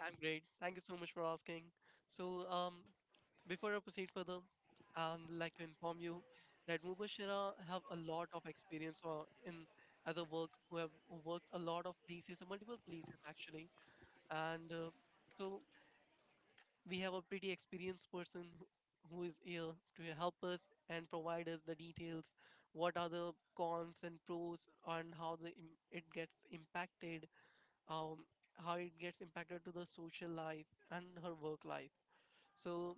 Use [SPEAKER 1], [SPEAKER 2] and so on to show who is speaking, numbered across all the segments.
[SPEAKER 1] I'm great. Thank you so much for asking. So um, Before I proceed further, I would like to inform you that Mubashira have a lot of experience in as a work who have worked a lot of places, multiple places actually, and so we have a pretty experienced person who is here to help us and provide us the details. What are the cons and pros, and how the it gets impacted, um, how it gets impacted to the social life and her work life. So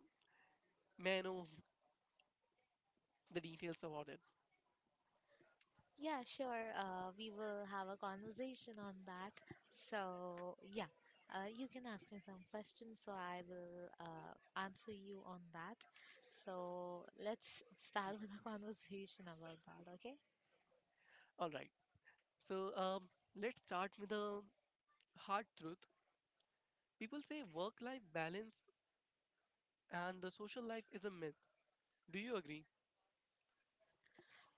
[SPEAKER 1] may I know the details about it.
[SPEAKER 2] Yeah, sure. We will have a conversation on that. So, yeah, you can ask me some questions, so I will answer you on that. So, let's start with a conversation about that, okay?
[SPEAKER 1] All right. So um, let's start with the hard truth. People say work-life balance and the social life is a myth. Do you agree?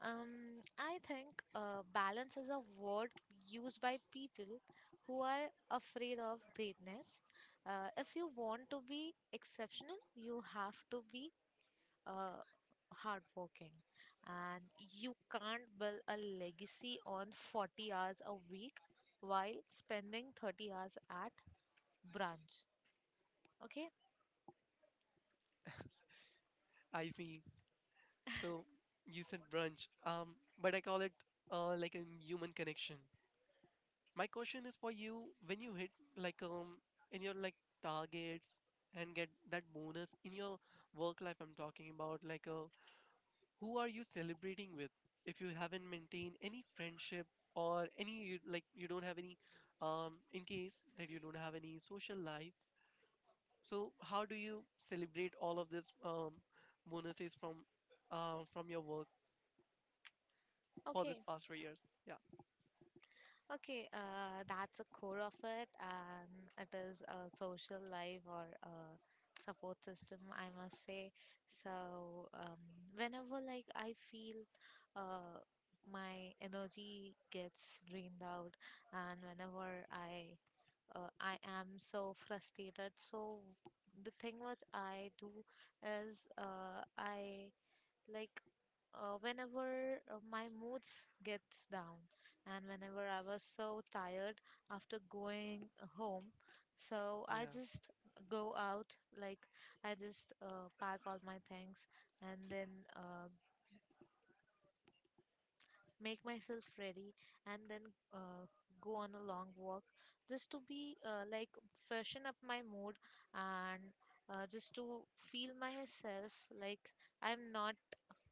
[SPEAKER 2] I think balance is a word used by people who are afraid of greatness. If you want to be exceptional, you have to be uh, hardworking, and you can't build a legacy on 40 hours a week while spending 30 hours at brunch. Okay,
[SPEAKER 1] I see. So you said brunch, but I call it like a human connection. My question is for you: when you hit like um in your targets and get that bonus in your work life, I'm talking about, who are you celebrating with if you haven't maintained any friendship or any like you don't have any, in case that you don't have any social life, so how do you celebrate all of this, bonuses from your work for this
[SPEAKER 2] okay.
[SPEAKER 1] past 3 years? yeah
[SPEAKER 2] Okay, that's a core of it, and it is a social life or a support system, I must say. So, whenever like I feel uh, my energy gets drained out, and whenever I am so frustrated, so the thing which I do is I like whenever my moods gets down and whenever I was so tired after going home, so I
[SPEAKER 1] Yeah,
[SPEAKER 2] just go out, like I just pack all my things and then uh, make myself ready and then uh, go on a long walk just to be like freshen up my mood and just to feel myself like I'm not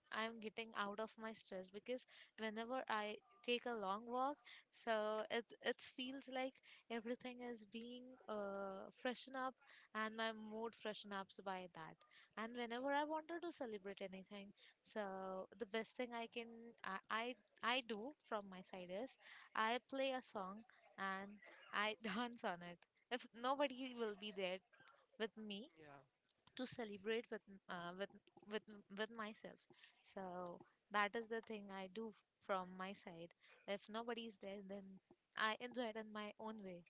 [SPEAKER 2] I'm getting out of my stress because whenever I take a long walk, so it feels like everything is being freshen up and my mood freshen ups by that. And whenever I wanted to celebrate anything, so the best thing I can I I do from my side is I play a song and I dance on it. If nobody will be there with me,
[SPEAKER 1] yeah,
[SPEAKER 2] to celebrate with with myself. So that is the thing I do from my side. If nobody is there, then I enjoy it in my own way.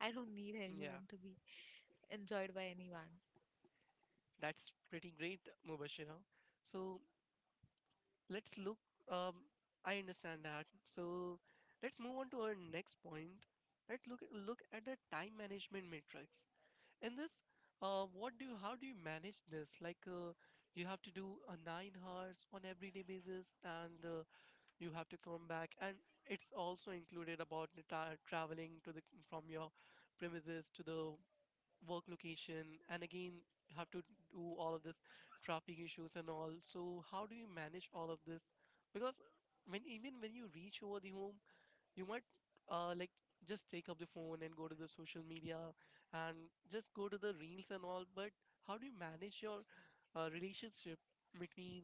[SPEAKER 2] I don't need
[SPEAKER 1] yeah.
[SPEAKER 2] anyone to be enjoyed by anyone.
[SPEAKER 1] That's pretty great, Mubashira. So let's look. Um, I understand that. So let's move on to our next point. Look at the time management matrix. In this, how do you manage this? You have to do a 9 hours on everyday basis, and you have to come back, and it's also included about the traveling to the from your premises to the work location, and again you have to do all of this traffic issues and all. So how do you manage all of this? Because when even when you reach over the home, you might like just take up the phone and go to the social media, and just go to the reels and all, but how do you manage your relationship between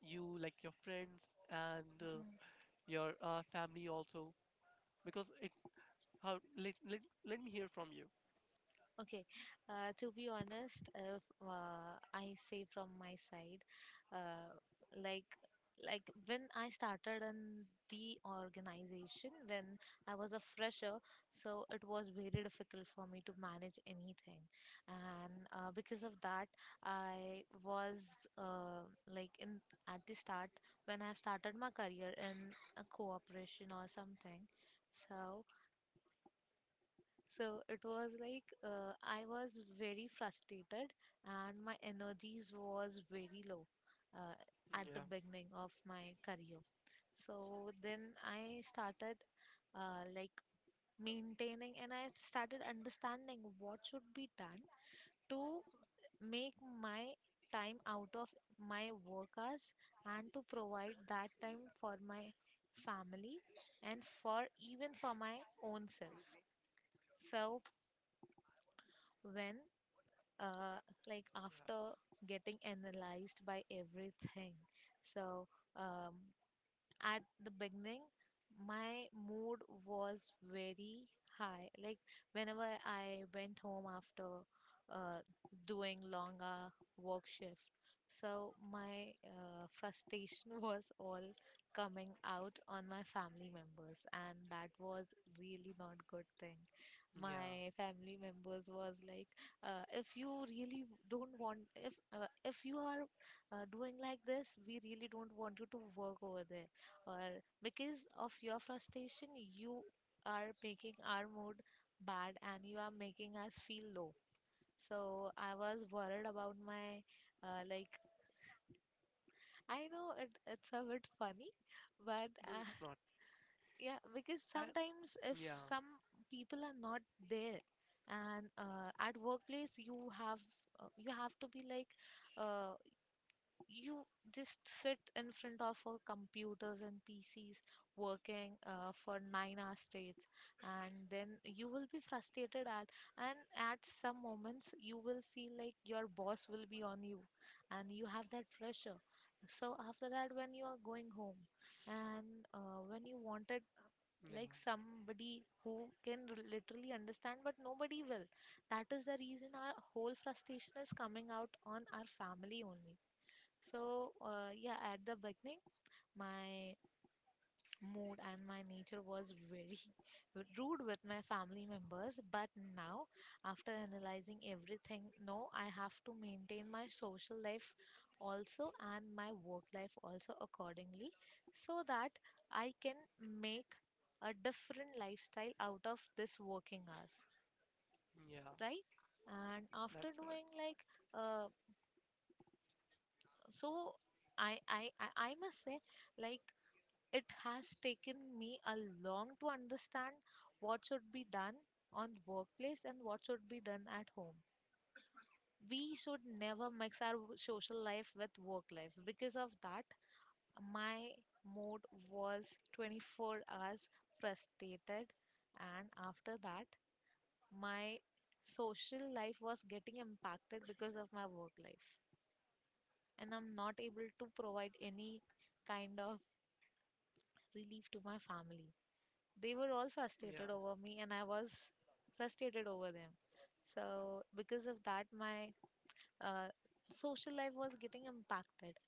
[SPEAKER 1] you, like your friends, and your family also, because it how let, let, let me hear from you.
[SPEAKER 2] Okay, to be honest, if I say from my side, uh, like like when I started in the organization when I was a fresher, so it was very difficult for me to manage anything, and because of that, I was uh, like in at the start when I started my career in a cooperation or something, so it was like I was very frustrated and my energies was very low uh, at the
[SPEAKER 1] yeah
[SPEAKER 2] beginning of my career. So then I started uh, like maintaining, and I started understanding what should be done to make my time out of my work hours and to provide that time for my family and for even for my own self. So when uh, like after getting analyzed by everything, so um, at the beginning, my mood was very high, like whenever I went home after uh, doing long work shift, so my frustration was all coming out on my family members, and that was really not good thing.
[SPEAKER 1] yeah
[SPEAKER 2] My
[SPEAKER 1] yeah
[SPEAKER 2] family members was like, if you really don't want, if you are doing like this, we really don't want you to work over there, or because of your frustration you are making our mood bad and you are making us feel low. So I was worried about my uh, like I know it's a bit funny, but
[SPEAKER 1] No, it's not.
[SPEAKER 2] yeah, because
[SPEAKER 1] I,
[SPEAKER 2] sometimes if
[SPEAKER 1] yeah
[SPEAKER 2] some people are not there and at workplace you have to be like, uh, you just sit in front of our computers and PCs working for 9 hours straight, and then you will be frustrated at, and at some moments you will feel like your boss will be on you, and you have that pressure. So after that, when you are going home, and when you wanted
[SPEAKER 1] yeah
[SPEAKER 2] like somebody who can literally understand, but nobody will. That is the reason our whole frustration is coming out on our family only. So, yeah, at the beginning, my mood and my nature was very rude with my family members. But now, after analyzing everything, no, I have to maintain my social life also and my work life also accordingly, so that I can make a different lifestyle out of this working hours,
[SPEAKER 1] yeah
[SPEAKER 2] right? And after
[SPEAKER 1] That's
[SPEAKER 2] doing
[SPEAKER 1] correct.
[SPEAKER 2] like, uh, so I must say, like, it has taken me a long to understand what should be done on the workplace and what should be done at home. We should never mix our social life with work life. Because of that, my mood was 24 hours frustrated, and after that, my social life was getting impacted because of my work life. And I'm not able to provide any kind of relief to my family. They were all frustrated
[SPEAKER 1] yeah
[SPEAKER 2] over me, and I was frustrated over them. So because of that, my uh, social life was getting impacted,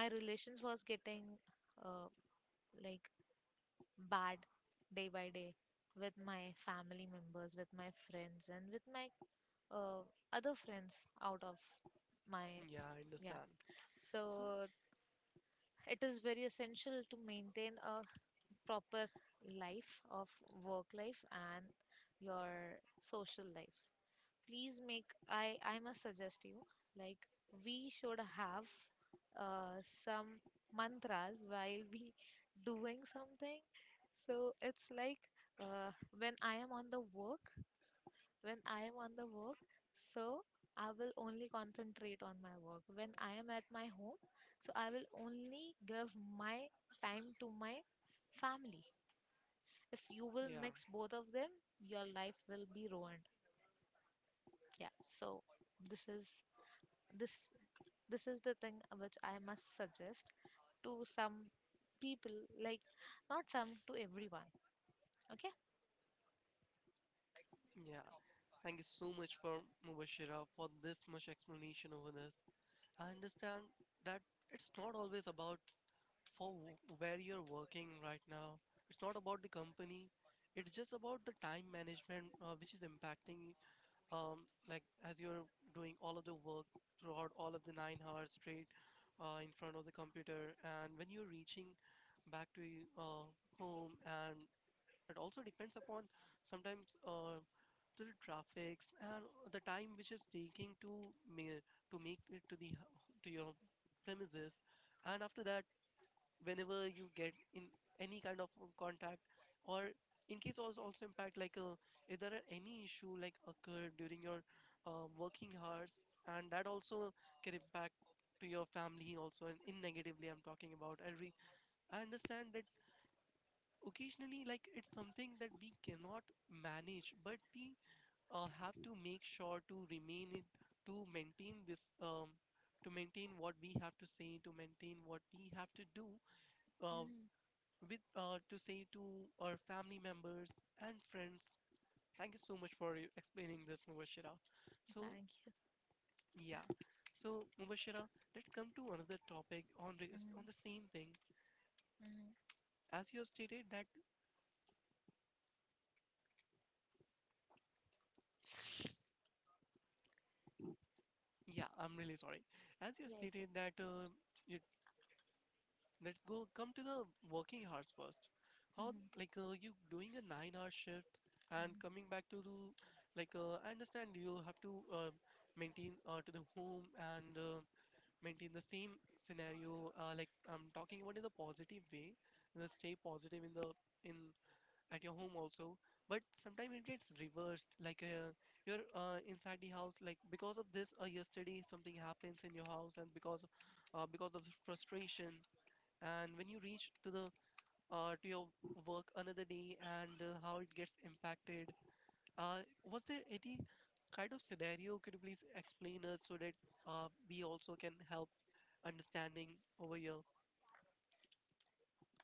[SPEAKER 2] my relations was getting uh, like bad day by day, with my family members, with my friends, and with my uh, other friends out of my.
[SPEAKER 1] yeah i
[SPEAKER 2] Yeah,
[SPEAKER 1] understand so
[SPEAKER 2] so it is very essential to maintain a proper life of work life and your social life. Please make I must suggest you, like we should have uh, some mantras while we doing something. So it's like uh, when i am on the work when I am on the work, so I will only concentrate on my work. When I am at my home, so I will only give my time to my family. If you will
[SPEAKER 1] yeah,
[SPEAKER 2] mix both of them, your life will be ruined. Yeah, so this is this this is the thing which I must suggest to some people, like not some, to everyone. Okay?
[SPEAKER 1] yeah thank you so much, for mubashira, for this much explanation over this. I understand that it's not always about where you're working right now. It's not about the company, it's just about the time management, which is impacting, like as you're doing all of the work throughout all of the 9 hours straight, in front of the computer, and when you're reaching back to home. And it also depends upon sometimes, to the traffics and the time which is taking to to make it to the to your premises. And after that, whenever you get in any kind of, contact, or in case also impact, if there are any issue like occurred during your working hours, and that also can impact to your family also, and in negatively I'm talking about. I understand that occasionally, like it's something that we cannot manage, but we have to make sure to remain it to maintain this, to maintain what we have to do, uh,
[SPEAKER 2] Hmm.
[SPEAKER 1] with to say to our family members and friends. Thank you so much for you explaining this, Mubashira. So
[SPEAKER 2] Thank you.
[SPEAKER 1] yeah, so Mubashira, let's come to another topic
[SPEAKER 2] Hmm.
[SPEAKER 1] on the same thing.
[SPEAKER 2] Hmm.
[SPEAKER 1] As you have stated that, yeah, I'm really sorry. As you have
[SPEAKER 2] Yeah, it's
[SPEAKER 1] stated
[SPEAKER 2] okay.
[SPEAKER 1] that, you let's go come to the working hours first. How,
[SPEAKER 2] Hmm.
[SPEAKER 1] you doing a nine-hour shift and
[SPEAKER 2] Hmm.
[SPEAKER 1] coming back to do, I understand you have to maintain to the home. And maintain the same scenario, like I'm talking about, in the positive way, and then stay positive in the in at your home also. But sometimes it gets reversed, you're inside the house, like because of this, yesterday something happens in your house, and because of the frustration, and when you reach to the to your work another day, and how it gets impacted. uh, was there any kind of scenario? Could you please explain us, so that we also can help understanding over here?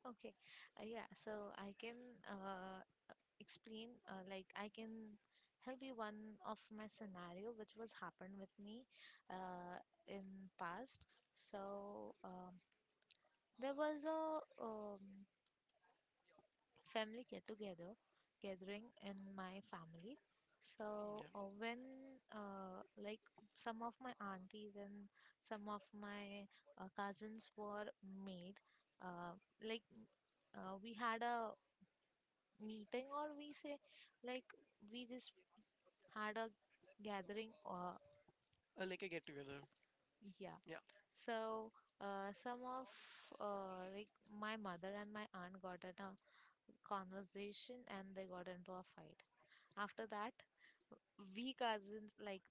[SPEAKER 2] Okay. Yeah, so I can uh, explain, like, I can help you one of my scenario which was happened with me uh, in past. So there was a family get together gathering in my family. So
[SPEAKER 1] Yeah,
[SPEAKER 2] when uh, like some of my aunties and some of my cousins were made uh, like we had a meeting, or we say like we just had a gathering,
[SPEAKER 1] like a get together.
[SPEAKER 2] yeah.
[SPEAKER 1] Yeah.
[SPEAKER 2] So some of uh, like my mother and my aunt got in a conversation and they got into a fight. After that, we cousins, like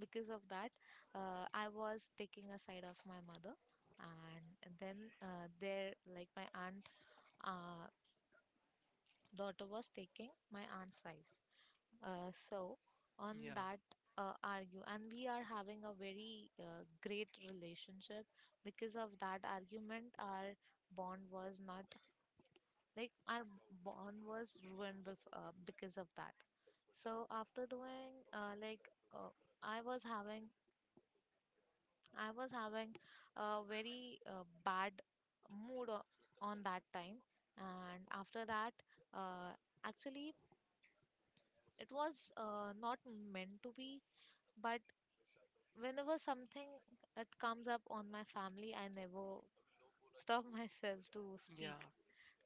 [SPEAKER 2] because of that, I was taking a side of my mother, and then there like my aunt uh, daughter was taking my aunt's side, so on
[SPEAKER 1] yeah,
[SPEAKER 2] that argue. And we are having a very great relationship. Because of that argument, our bond was not like, our bond was ruined because of that. So after doing uh, I was having I was having a very bad mood on that time, and after that, uh, actually, it was not meant to be, but whenever something it comes up on my family, I never stop myself to
[SPEAKER 1] yeah.
[SPEAKER 2] speak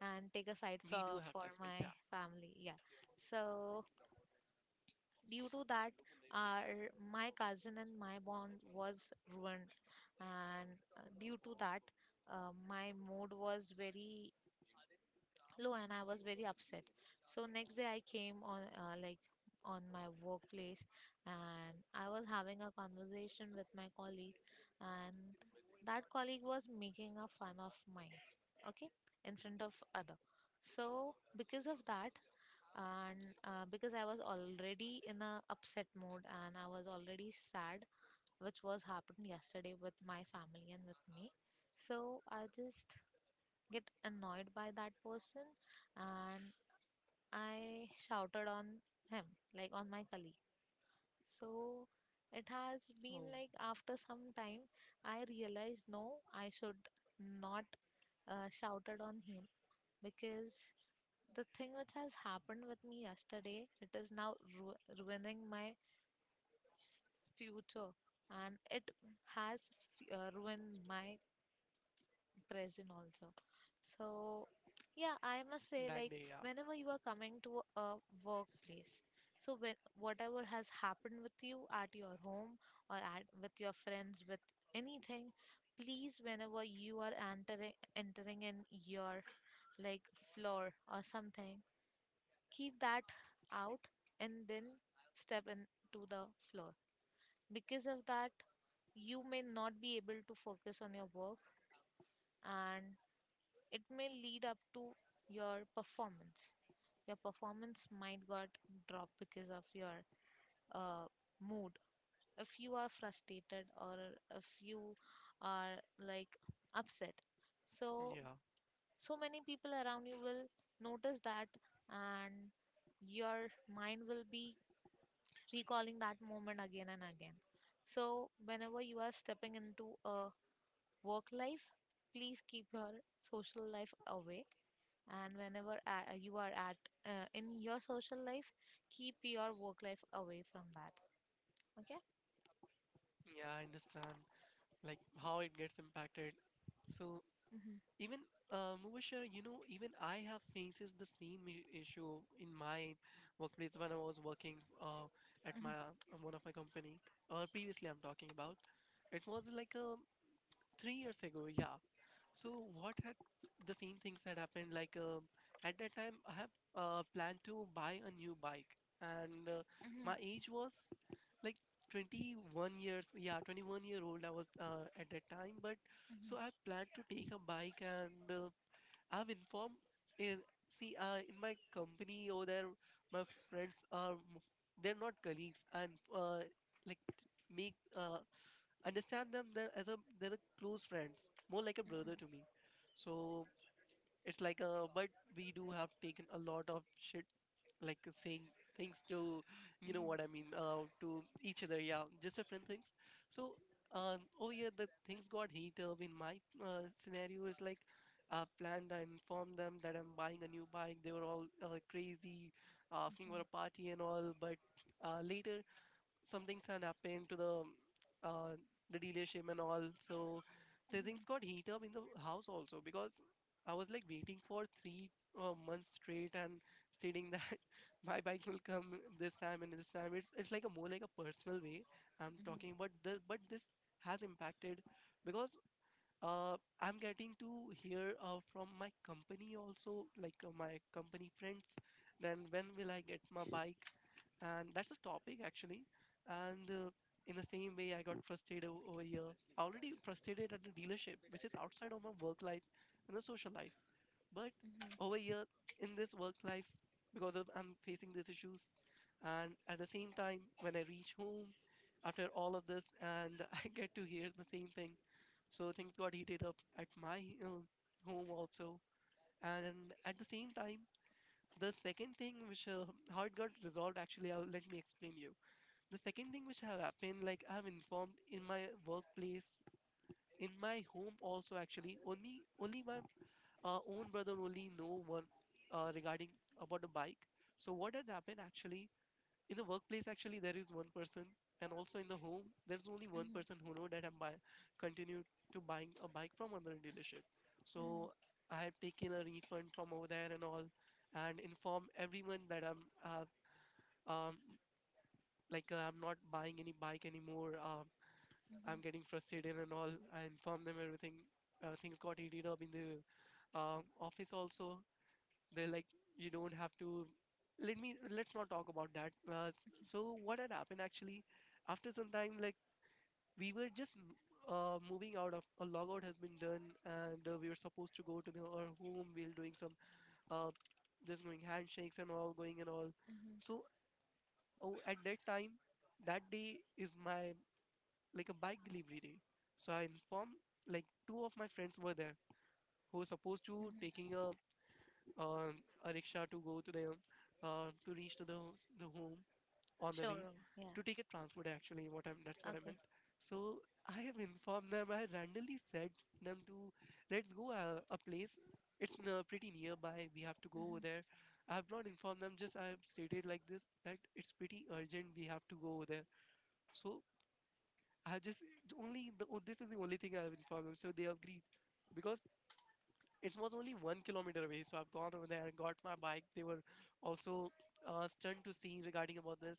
[SPEAKER 2] and take a side
[SPEAKER 1] We do
[SPEAKER 2] for
[SPEAKER 1] have to speak. Yeah.
[SPEAKER 2] my family. Yeah, so due to that, our my cousin and my bond was ruined, and due to that, my mood was very low and I was very upset. So next day I came on on my workplace, and I was having a conversation with my colleague, and that colleague was making a fun of mine, okay, in front of other. So because of that, and because I was already in a upset mood and I was already sad, which was happened yesterday with my family and with me. So I just get annoyed by that person, and I shouted on him, like on my colleague. So it has been
[SPEAKER 1] Oh,
[SPEAKER 2] like after some time, I realized no, I should not shouted on him, because the thing which has happened with me yesterday, it is now ru ruining my future, and it has f ruined my present also. So, yeah, I must say,
[SPEAKER 1] that
[SPEAKER 2] like,
[SPEAKER 1] day. Yeah,
[SPEAKER 2] whenever you are coming to a workplace, so when whatever has happened with you at your home or at with your friends, with anything, please, whenever you are entering in your like floor or something, keep that out, and then step into the floor. Because of that, you may not be able to focus on your work, and it may lead up to your performance. Your performance might got dropped because of your uh, mood. If you are frustrated or if you are like upset. So
[SPEAKER 1] yeah,
[SPEAKER 2] so many people around you will notice that, and your mind will be recalling that moment again and again. So, whenever you are stepping into a work life, please keep your social life away. And whenever you are at in your social life, keep your work life away from that. Okay?
[SPEAKER 1] yeah. I understand. Like how it gets impacted. So
[SPEAKER 2] Mhm.
[SPEAKER 1] even Mubashir, you know, even I have faces the same issue in my workplace when I was working,
[SPEAKER 2] Mhm.
[SPEAKER 1] at my one of my company. Or previously, I'm talking about. It was like, 3 years ago, yeah. So what had the same things had happened? At that time, I have planned to buy a new bike, and
[SPEAKER 2] Mhm. Mhm.
[SPEAKER 1] my age was like 21 years. Yeah, 21-year-old I was, at that time, but.
[SPEAKER 2] Mhm.
[SPEAKER 1] So I've planned to take a bike, and I've informed in see in my company over there. My friends are they're not colleagues, and like make understand them there as a they're a close friends, more like a
[SPEAKER 2] Mhm.
[SPEAKER 1] brother to me. So it's like, but we do have taken a lot of shit, saying things to
[SPEAKER 2] Mhm.
[SPEAKER 1] you
[SPEAKER 2] Mhm.
[SPEAKER 1] know
[SPEAKER 2] Mhm.
[SPEAKER 1] what I mean to each other, yeah, just different things. So, oh yeah the things got heat up in my scenario is like, I informed them that I'm buying a new bike. They were all crazy asking
[SPEAKER 2] Mhm.
[SPEAKER 1] for a party and all. But later, some things had happened to uh, the dealership and all. So the
[SPEAKER 2] Mhm.
[SPEAKER 1] things got heat up in the house also, because I was like waiting for three months straight and stating that my bike will come this time and this time. It's like a more like a personal way I'm talking, but the but this has impacted, because I'm getting to hear from my company also, my company friends. Then when will I get my bike? And that's a topic actually. And in the same way, I got frustrated over here. Already frustrated at the dealership, which is outside of my work life and the social life. But over here in this work life, because of I'm facing these issues, and at the same time, when I reach home after all of this, and I get to hear the same thing. So things got heated up at my home also. And at the same time, the second thing which how it got resolved actually, I'll, let me explain you. The second thing which have happened, like I have informed in my workplace, in my home also actually. Only my own brother only know one, regarding about the bike. So what has happened actually? In the workplace actually, there is one person, and also in the home there's only one
[SPEAKER 2] Mhm.
[SPEAKER 1] person who know that I'm buy continue to buying a bike from another dealership.
[SPEAKER 2] Mhm.
[SPEAKER 1] So I have taken a refund from over there and all, and inform everyone that I'm, uh, um I'm not buying any bike anymore. I'm getting frustrated and all, I inform them everything. Things got heated up in the, office also. They're like, you don't have to. Let me. Let's not talk about that. So what had happened actually? After some time, like we were just moving out of a logout has been done, and we were supposed to go to the, our home. We were doing some uh, just doing handshakes and all, going and all.
[SPEAKER 2] Mhm.
[SPEAKER 1] So oh, at that time, that day is my like a bike delivery day. So I informed, like two of my friends were there who were supposed to
[SPEAKER 2] Mhm.
[SPEAKER 1] taking uh, a rickshaw to go to the to reach to the home on the way
[SPEAKER 2] Showroom, yeah,
[SPEAKER 1] to take a transport, actually, what I'm, that's what I
[SPEAKER 2] okay,
[SPEAKER 1] meant. So I have informed them. I randomly said them to let's go a place. It's pretty nearby. We have to go over
[SPEAKER 2] hmm
[SPEAKER 1] there. I have not informed them. Just I have stated like this that it's pretty urgent. We have to go over there. So I just only this is the only thing I have informed them. So they agreed because it was only 1 kilometer away, so I've gone over there and got my bike. They were also stunned to see regarding about this.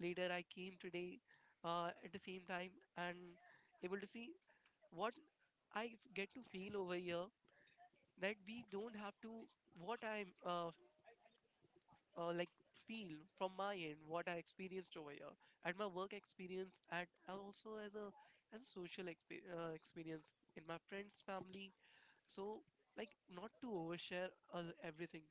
[SPEAKER 1] Later, I came today at the same time and able to see what get to feel over here that we don't have to what I uh, like feel from my end what I experienced over here at my work experience and also as a social experience in my friends family so like not to overshare everything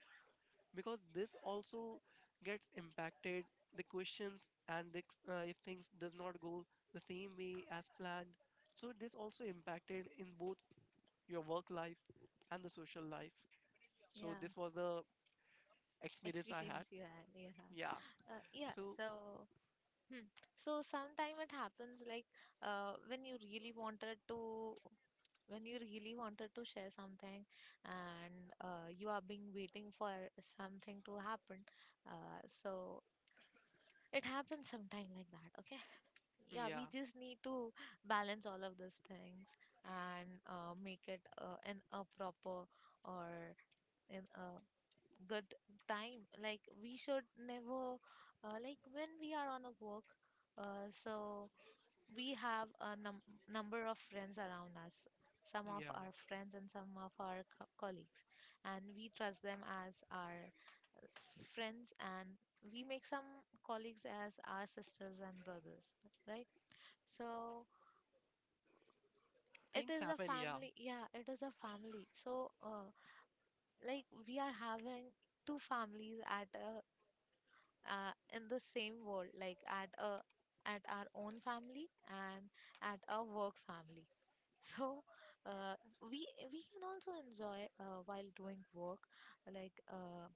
[SPEAKER 1] because this also gets impacted the questions and if things does not go the same way as planned, so this also impacted in both your work life and the social life. So
[SPEAKER 2] yeah,
[SPEAKER 1] this was the experience I had.
[SPEAKER 2] experience you had, yeah,
[SPEAKER 1] Yeah,
[SPEAKER 2] yeah.
[SPEAKER 1] so
[SPEAKER 2] So hmm. So sometime it happens like when you really wanted to share something and you are being waiting for something to happen. So it happens sometime like that. Okay. Yeah, we
[SPEAKER 1] yeah
[SPEAKER 2] just need to balance all of these things and make it in a proper or in a good time. Like we should never like when we are on a work. So we have a number of friends around us, some of
[SPEAKER 1] yeah,
[SPEAKER 2] our friends and some of our colleagues, and we trust them as our friends, and we make some colleagues as our sisters and brothers, right? So it
[SPEAKER 1] things
[SPEAKER 2] is a
[SPEAKER 1] happen. Yeah.
[SPEAKER 2] family, yeah, it is a family. So like we are having two families at a in the same world, like at a at our own family and at our work family. So uh, we we can also enjoy while doing work. Like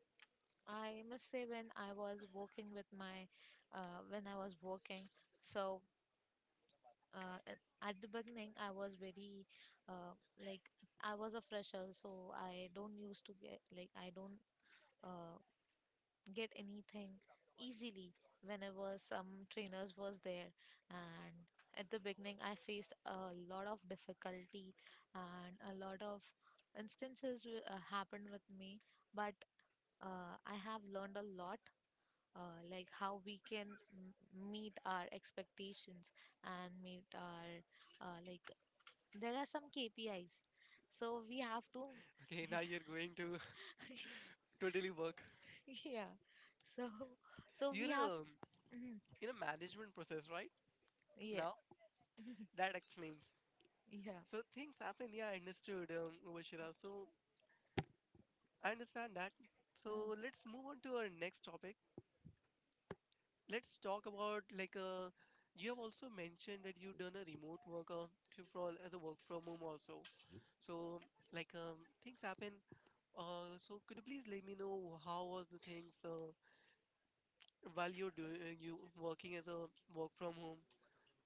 [SPEAKER 2] I must say, when I was working with my when I was working, so at the beginning I was very like I was a fresher, so I don't used to get like I don't. Uh, get anything easily whenever some trainers was there, and at the beginning I faced a lot of difficulty and a lot of instances happened with me. But I have learned a lot, like how we can meet our expectations and meet our like there are some kpis, so we have to
[SPEAKER 1] Okay,
[SPEAKER 2] yeah,
[SPEAKER 1] now you're going to totally work.
[SPEAKER 2] yeah. so so we
[SPEAKER 1] You're
[SPEAKER 2] have mhm,
[SPEAKER 1] in a management process, right?
[SPEAKER 2] yeah.
[SPEAKER 1] Now that explains.
[SPEAKER 2] Yeah.
[SPEAKER 1] So things happen, yeah, I understood, Vashira. So I understand that.
[SPEAKER 2] Mhm,
[SPEAKER 1] So let's move on to our next topic. Let's talk about like you have also mentioned that you've done a remote work to from as a work from home also. So like things happen. So could you please let me know how was the things while you're doing you working as a work from home?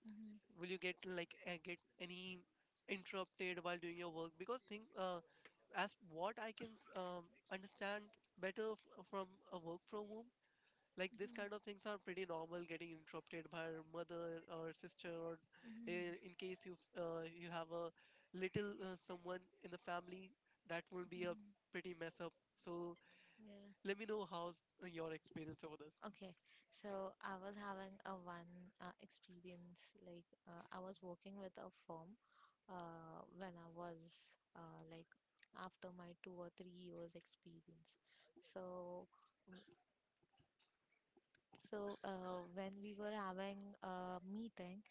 [SPEAKER 2] mhm,
[SPEAKER 1] Will you get like get any interrupted while doing your work because things as what I can understand better from a work from home, like this
[SPEAKER 2] mhm,
[SPEAKER 1] kind of things are pretty normal, getting interrupted by your mother or sister, or
[SPEAKER 2] mhm,
[SPEAKER 1] in case you you have a little someone in the family, that will be a
[SPEAKER 2] mhm.
[SPEAKER 1] pretty mess up. So
[SPEAKER 2] Yeah.
[SPEAKER 1] let me know how's your experience over this.
[SPEAKER 2] Okay. So I was having a one experience. Like I was working with a firm when I was like after my 2 or 3 years experience. So w- when we were having a meeting,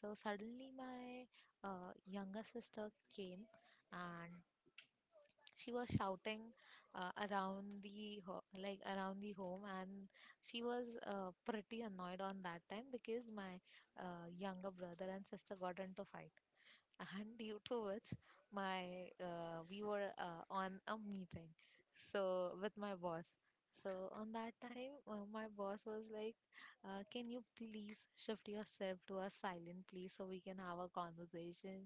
[SPEAKER 2] so suddenly my younger sister came and she was shouting around the like around the home, and she was pretty annoyed on that time because my younger brother and sister got into fight, and due to which my we were on a meeting, so with my boss. So on that time, my boss was like, "Can you please shift yourself to a silent place so we can have a conversation?"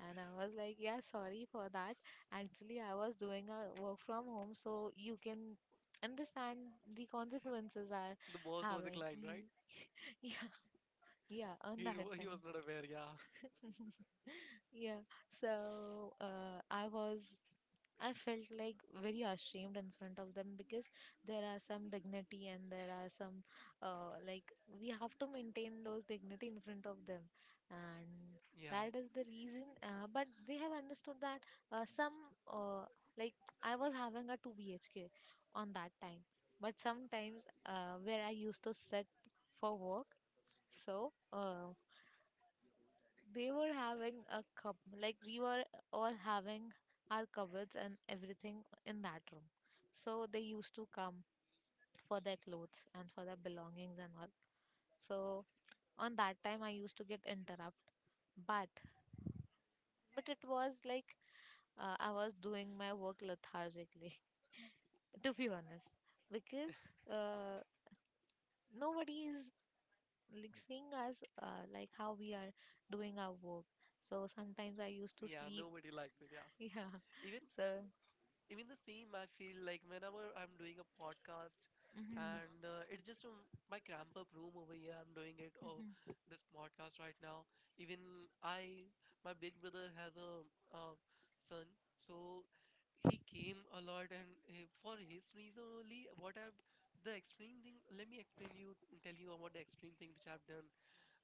[SPEAKER 2] And I was like, "Yeah, sorry for that. Actually, I was doing a work from home, so you can understand." The consequences are
[SPEAKER 1] The boss was a
[SPEAKER 2] having
[SPEAKER 1] client, right?
[SPEAKER 2] mm. Yeah, yeah, on that
[SPEAKER 1] He
[SPEAKER 2] time.
[SPEAKER 1] was not aware. Yeah,
[SPEAKER 2] Yeah, so I felt like very ashamed in front of them, because there are some dignity and there are some, like, we have to maintain those dignity in front of them. And
[SPEAKER 1] yeah,
[SPEAKER 2] that is the reason, but they have understood that uh, some, uh, like, I was having a 2 BHK on that time, but sometimes where I used to sit for work, so they were having a cup, like we were all having our cupboards and everything in that room. So they used to come for their clothes and for their belongings and all. So on that time, I used to get interrupt, but but it was like, I was doing my work lethargically, to be honest, because uh, nobody is like seeing us, like how we are doing our work. So sometimes I used to
[SPEAKER 1] yeah.
[SPEAKER 2] sleep.
[SPEAKER 1] Nobody likes it. Yeah.
[SPEAKER 2] Yeah.
[SPEAKER 1] Even
[SPEAKER 2] So.
[SPEAKER 1] Even the same, I feel like whenever I'm doing a podcast
[SPEAKER 2] Mhm.
[SPEAKER 1] and it's just my cramped up room over here, I'm doing it or
[SPEAKER 2] Mhm,
[SPEAKER 1] this podcast right now. Even I, my big brother has a son, so he came a lot and for his reason only, what I've the extreme thing, let me explain you, tell you about the extreme thing which I've done.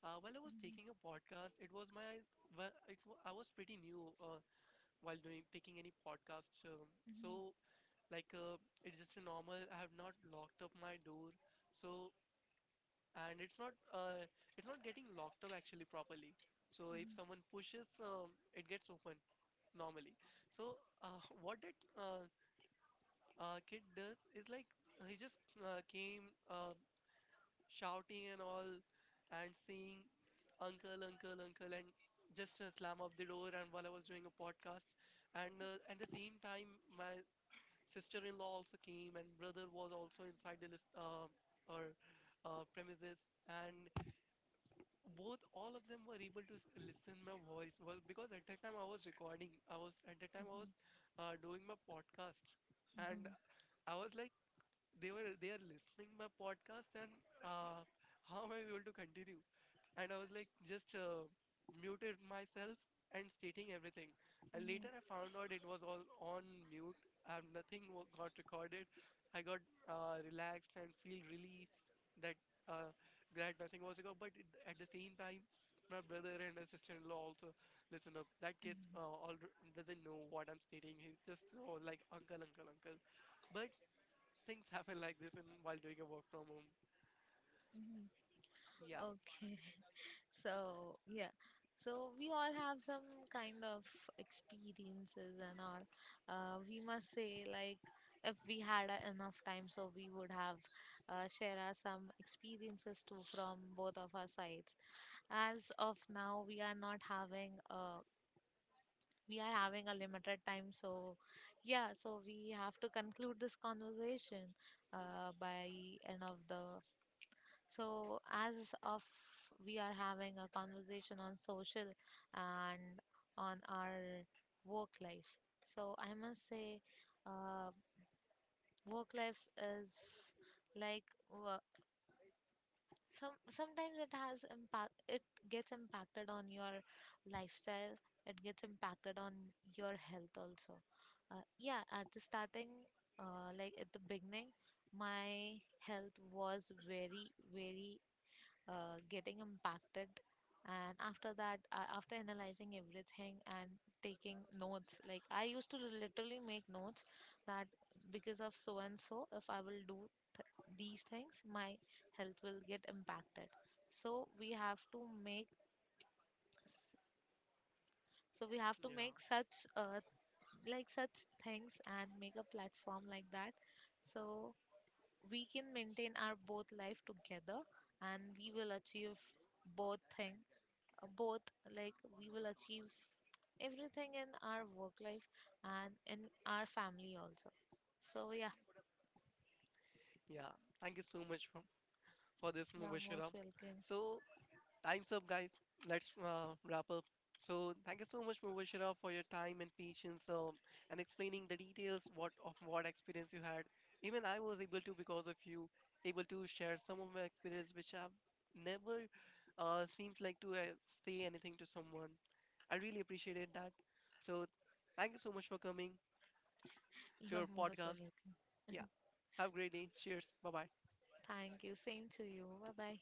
[SPEAKER 1] While I was
[SPEAKER 2] mhm,
[SPEAKER 1] taking a podcast, it was my, well, I was pretty new while doing taking any podcasts. Um,
[SPEAKER 2] mhm,
[SPEAKER 1] so like it's just a normal, I have not locked up my door, so and it's not getting locked up actually properly, so if
[SPEAKER 2] mhm,
[SPEAKER 1] someone pushes it gets open normally. So what that kid does is like he just came shouting and all and saying uncle, uncle, uncle, and just slam up the door, and while I was doing a podcast, and at the same time my sister-in-law also came, and brother was also inside the list or premises, and both all of them were able to listen my voice was because at that time I was recording, I was, at that time I
[SPEAKER 2] mhm,
[SPEAKER 1] was doing my podcast, and
[SPEAKER 2] mhm,
[SPEAKER 1] I was like they were, they are listening my podcast, and uh, how am I able to continue. And I was like, just muted myself and stating everything. And
[SPEAKER 2] mhm,
[SPEAKER 1] later I found out it was all on mute. Nothing got recorded. I got relaxed and feel relief that uh, glad nothing was recorded. But it, at the same time, my brother and my sister-in-law also listen up. That kid
[SPEAKER 2] mhm,
[SPEAKER 1] all doesn't know what I'm stating. He's just, oh, like uncle, uncle, uncle. But things happen like this in while doing a work from home.
[SPEAKER 2] mhm.
[SPEAKER 1] Yeah,
[SPEAKER 2] Okay, so yeah, so we all have some kind of experiences and all. We must say, like if we had enough time, so we would have share us some experiences too from both of our sides. As of now, we are not having a we are having a limited time, so yeah, so we have to conclude this conversation by end of the, so as of, we are having a conversation on social and on our work life. So I must say, uh, work life is like, wo- some sometimes it has impact, it gets impacted on your lifestyle, it gets impacted on your health also. Yeah, at the starting, like at the beginning, my health was very very getting impacted. And after that, after analyzing everything and taking notes, like I used to literally make notes that because of so and so, if I will do th- these things, my health will get impacted. So we have to make s-
[SPEAKER 1] yeah,
[SPEAKER 2] such like such things and make a platform like that, so we can maintain our both life together, and we will achieve both thing, both like we will achieve everything in our work life and in our family also. So yeah.
[SPEAKER 1] yeah. Thank you so much for this
[SPEAKER 2] You are most
[SPEAKER 1] Mubashira.
[SPEAKER 2] welcome.
[SPEAKER 1] So, time's up, guys. Let's wrap up. So, thank you so much, Mubashira, for your time and patience and explaining the details what of what experience you had. Even I was able to, because of you, able to share some of my experience, which I've never seems like to say anything to someone. I really appreciated that. So, thank you so much for coming
[SPEAKER 2] You
[SPEAKER 1] to
[SPEAKER 2] are
[SPEAKER 1] our
[SPEAKER 2] most
[SPEAKER 1] podcast.
[SPEAKER 2] welcome.
[SPEAKER 1] Yeah, have a great day. Cheers. Bye bye.
[SPEAKER 2] Thank you, same to you. Bye bye.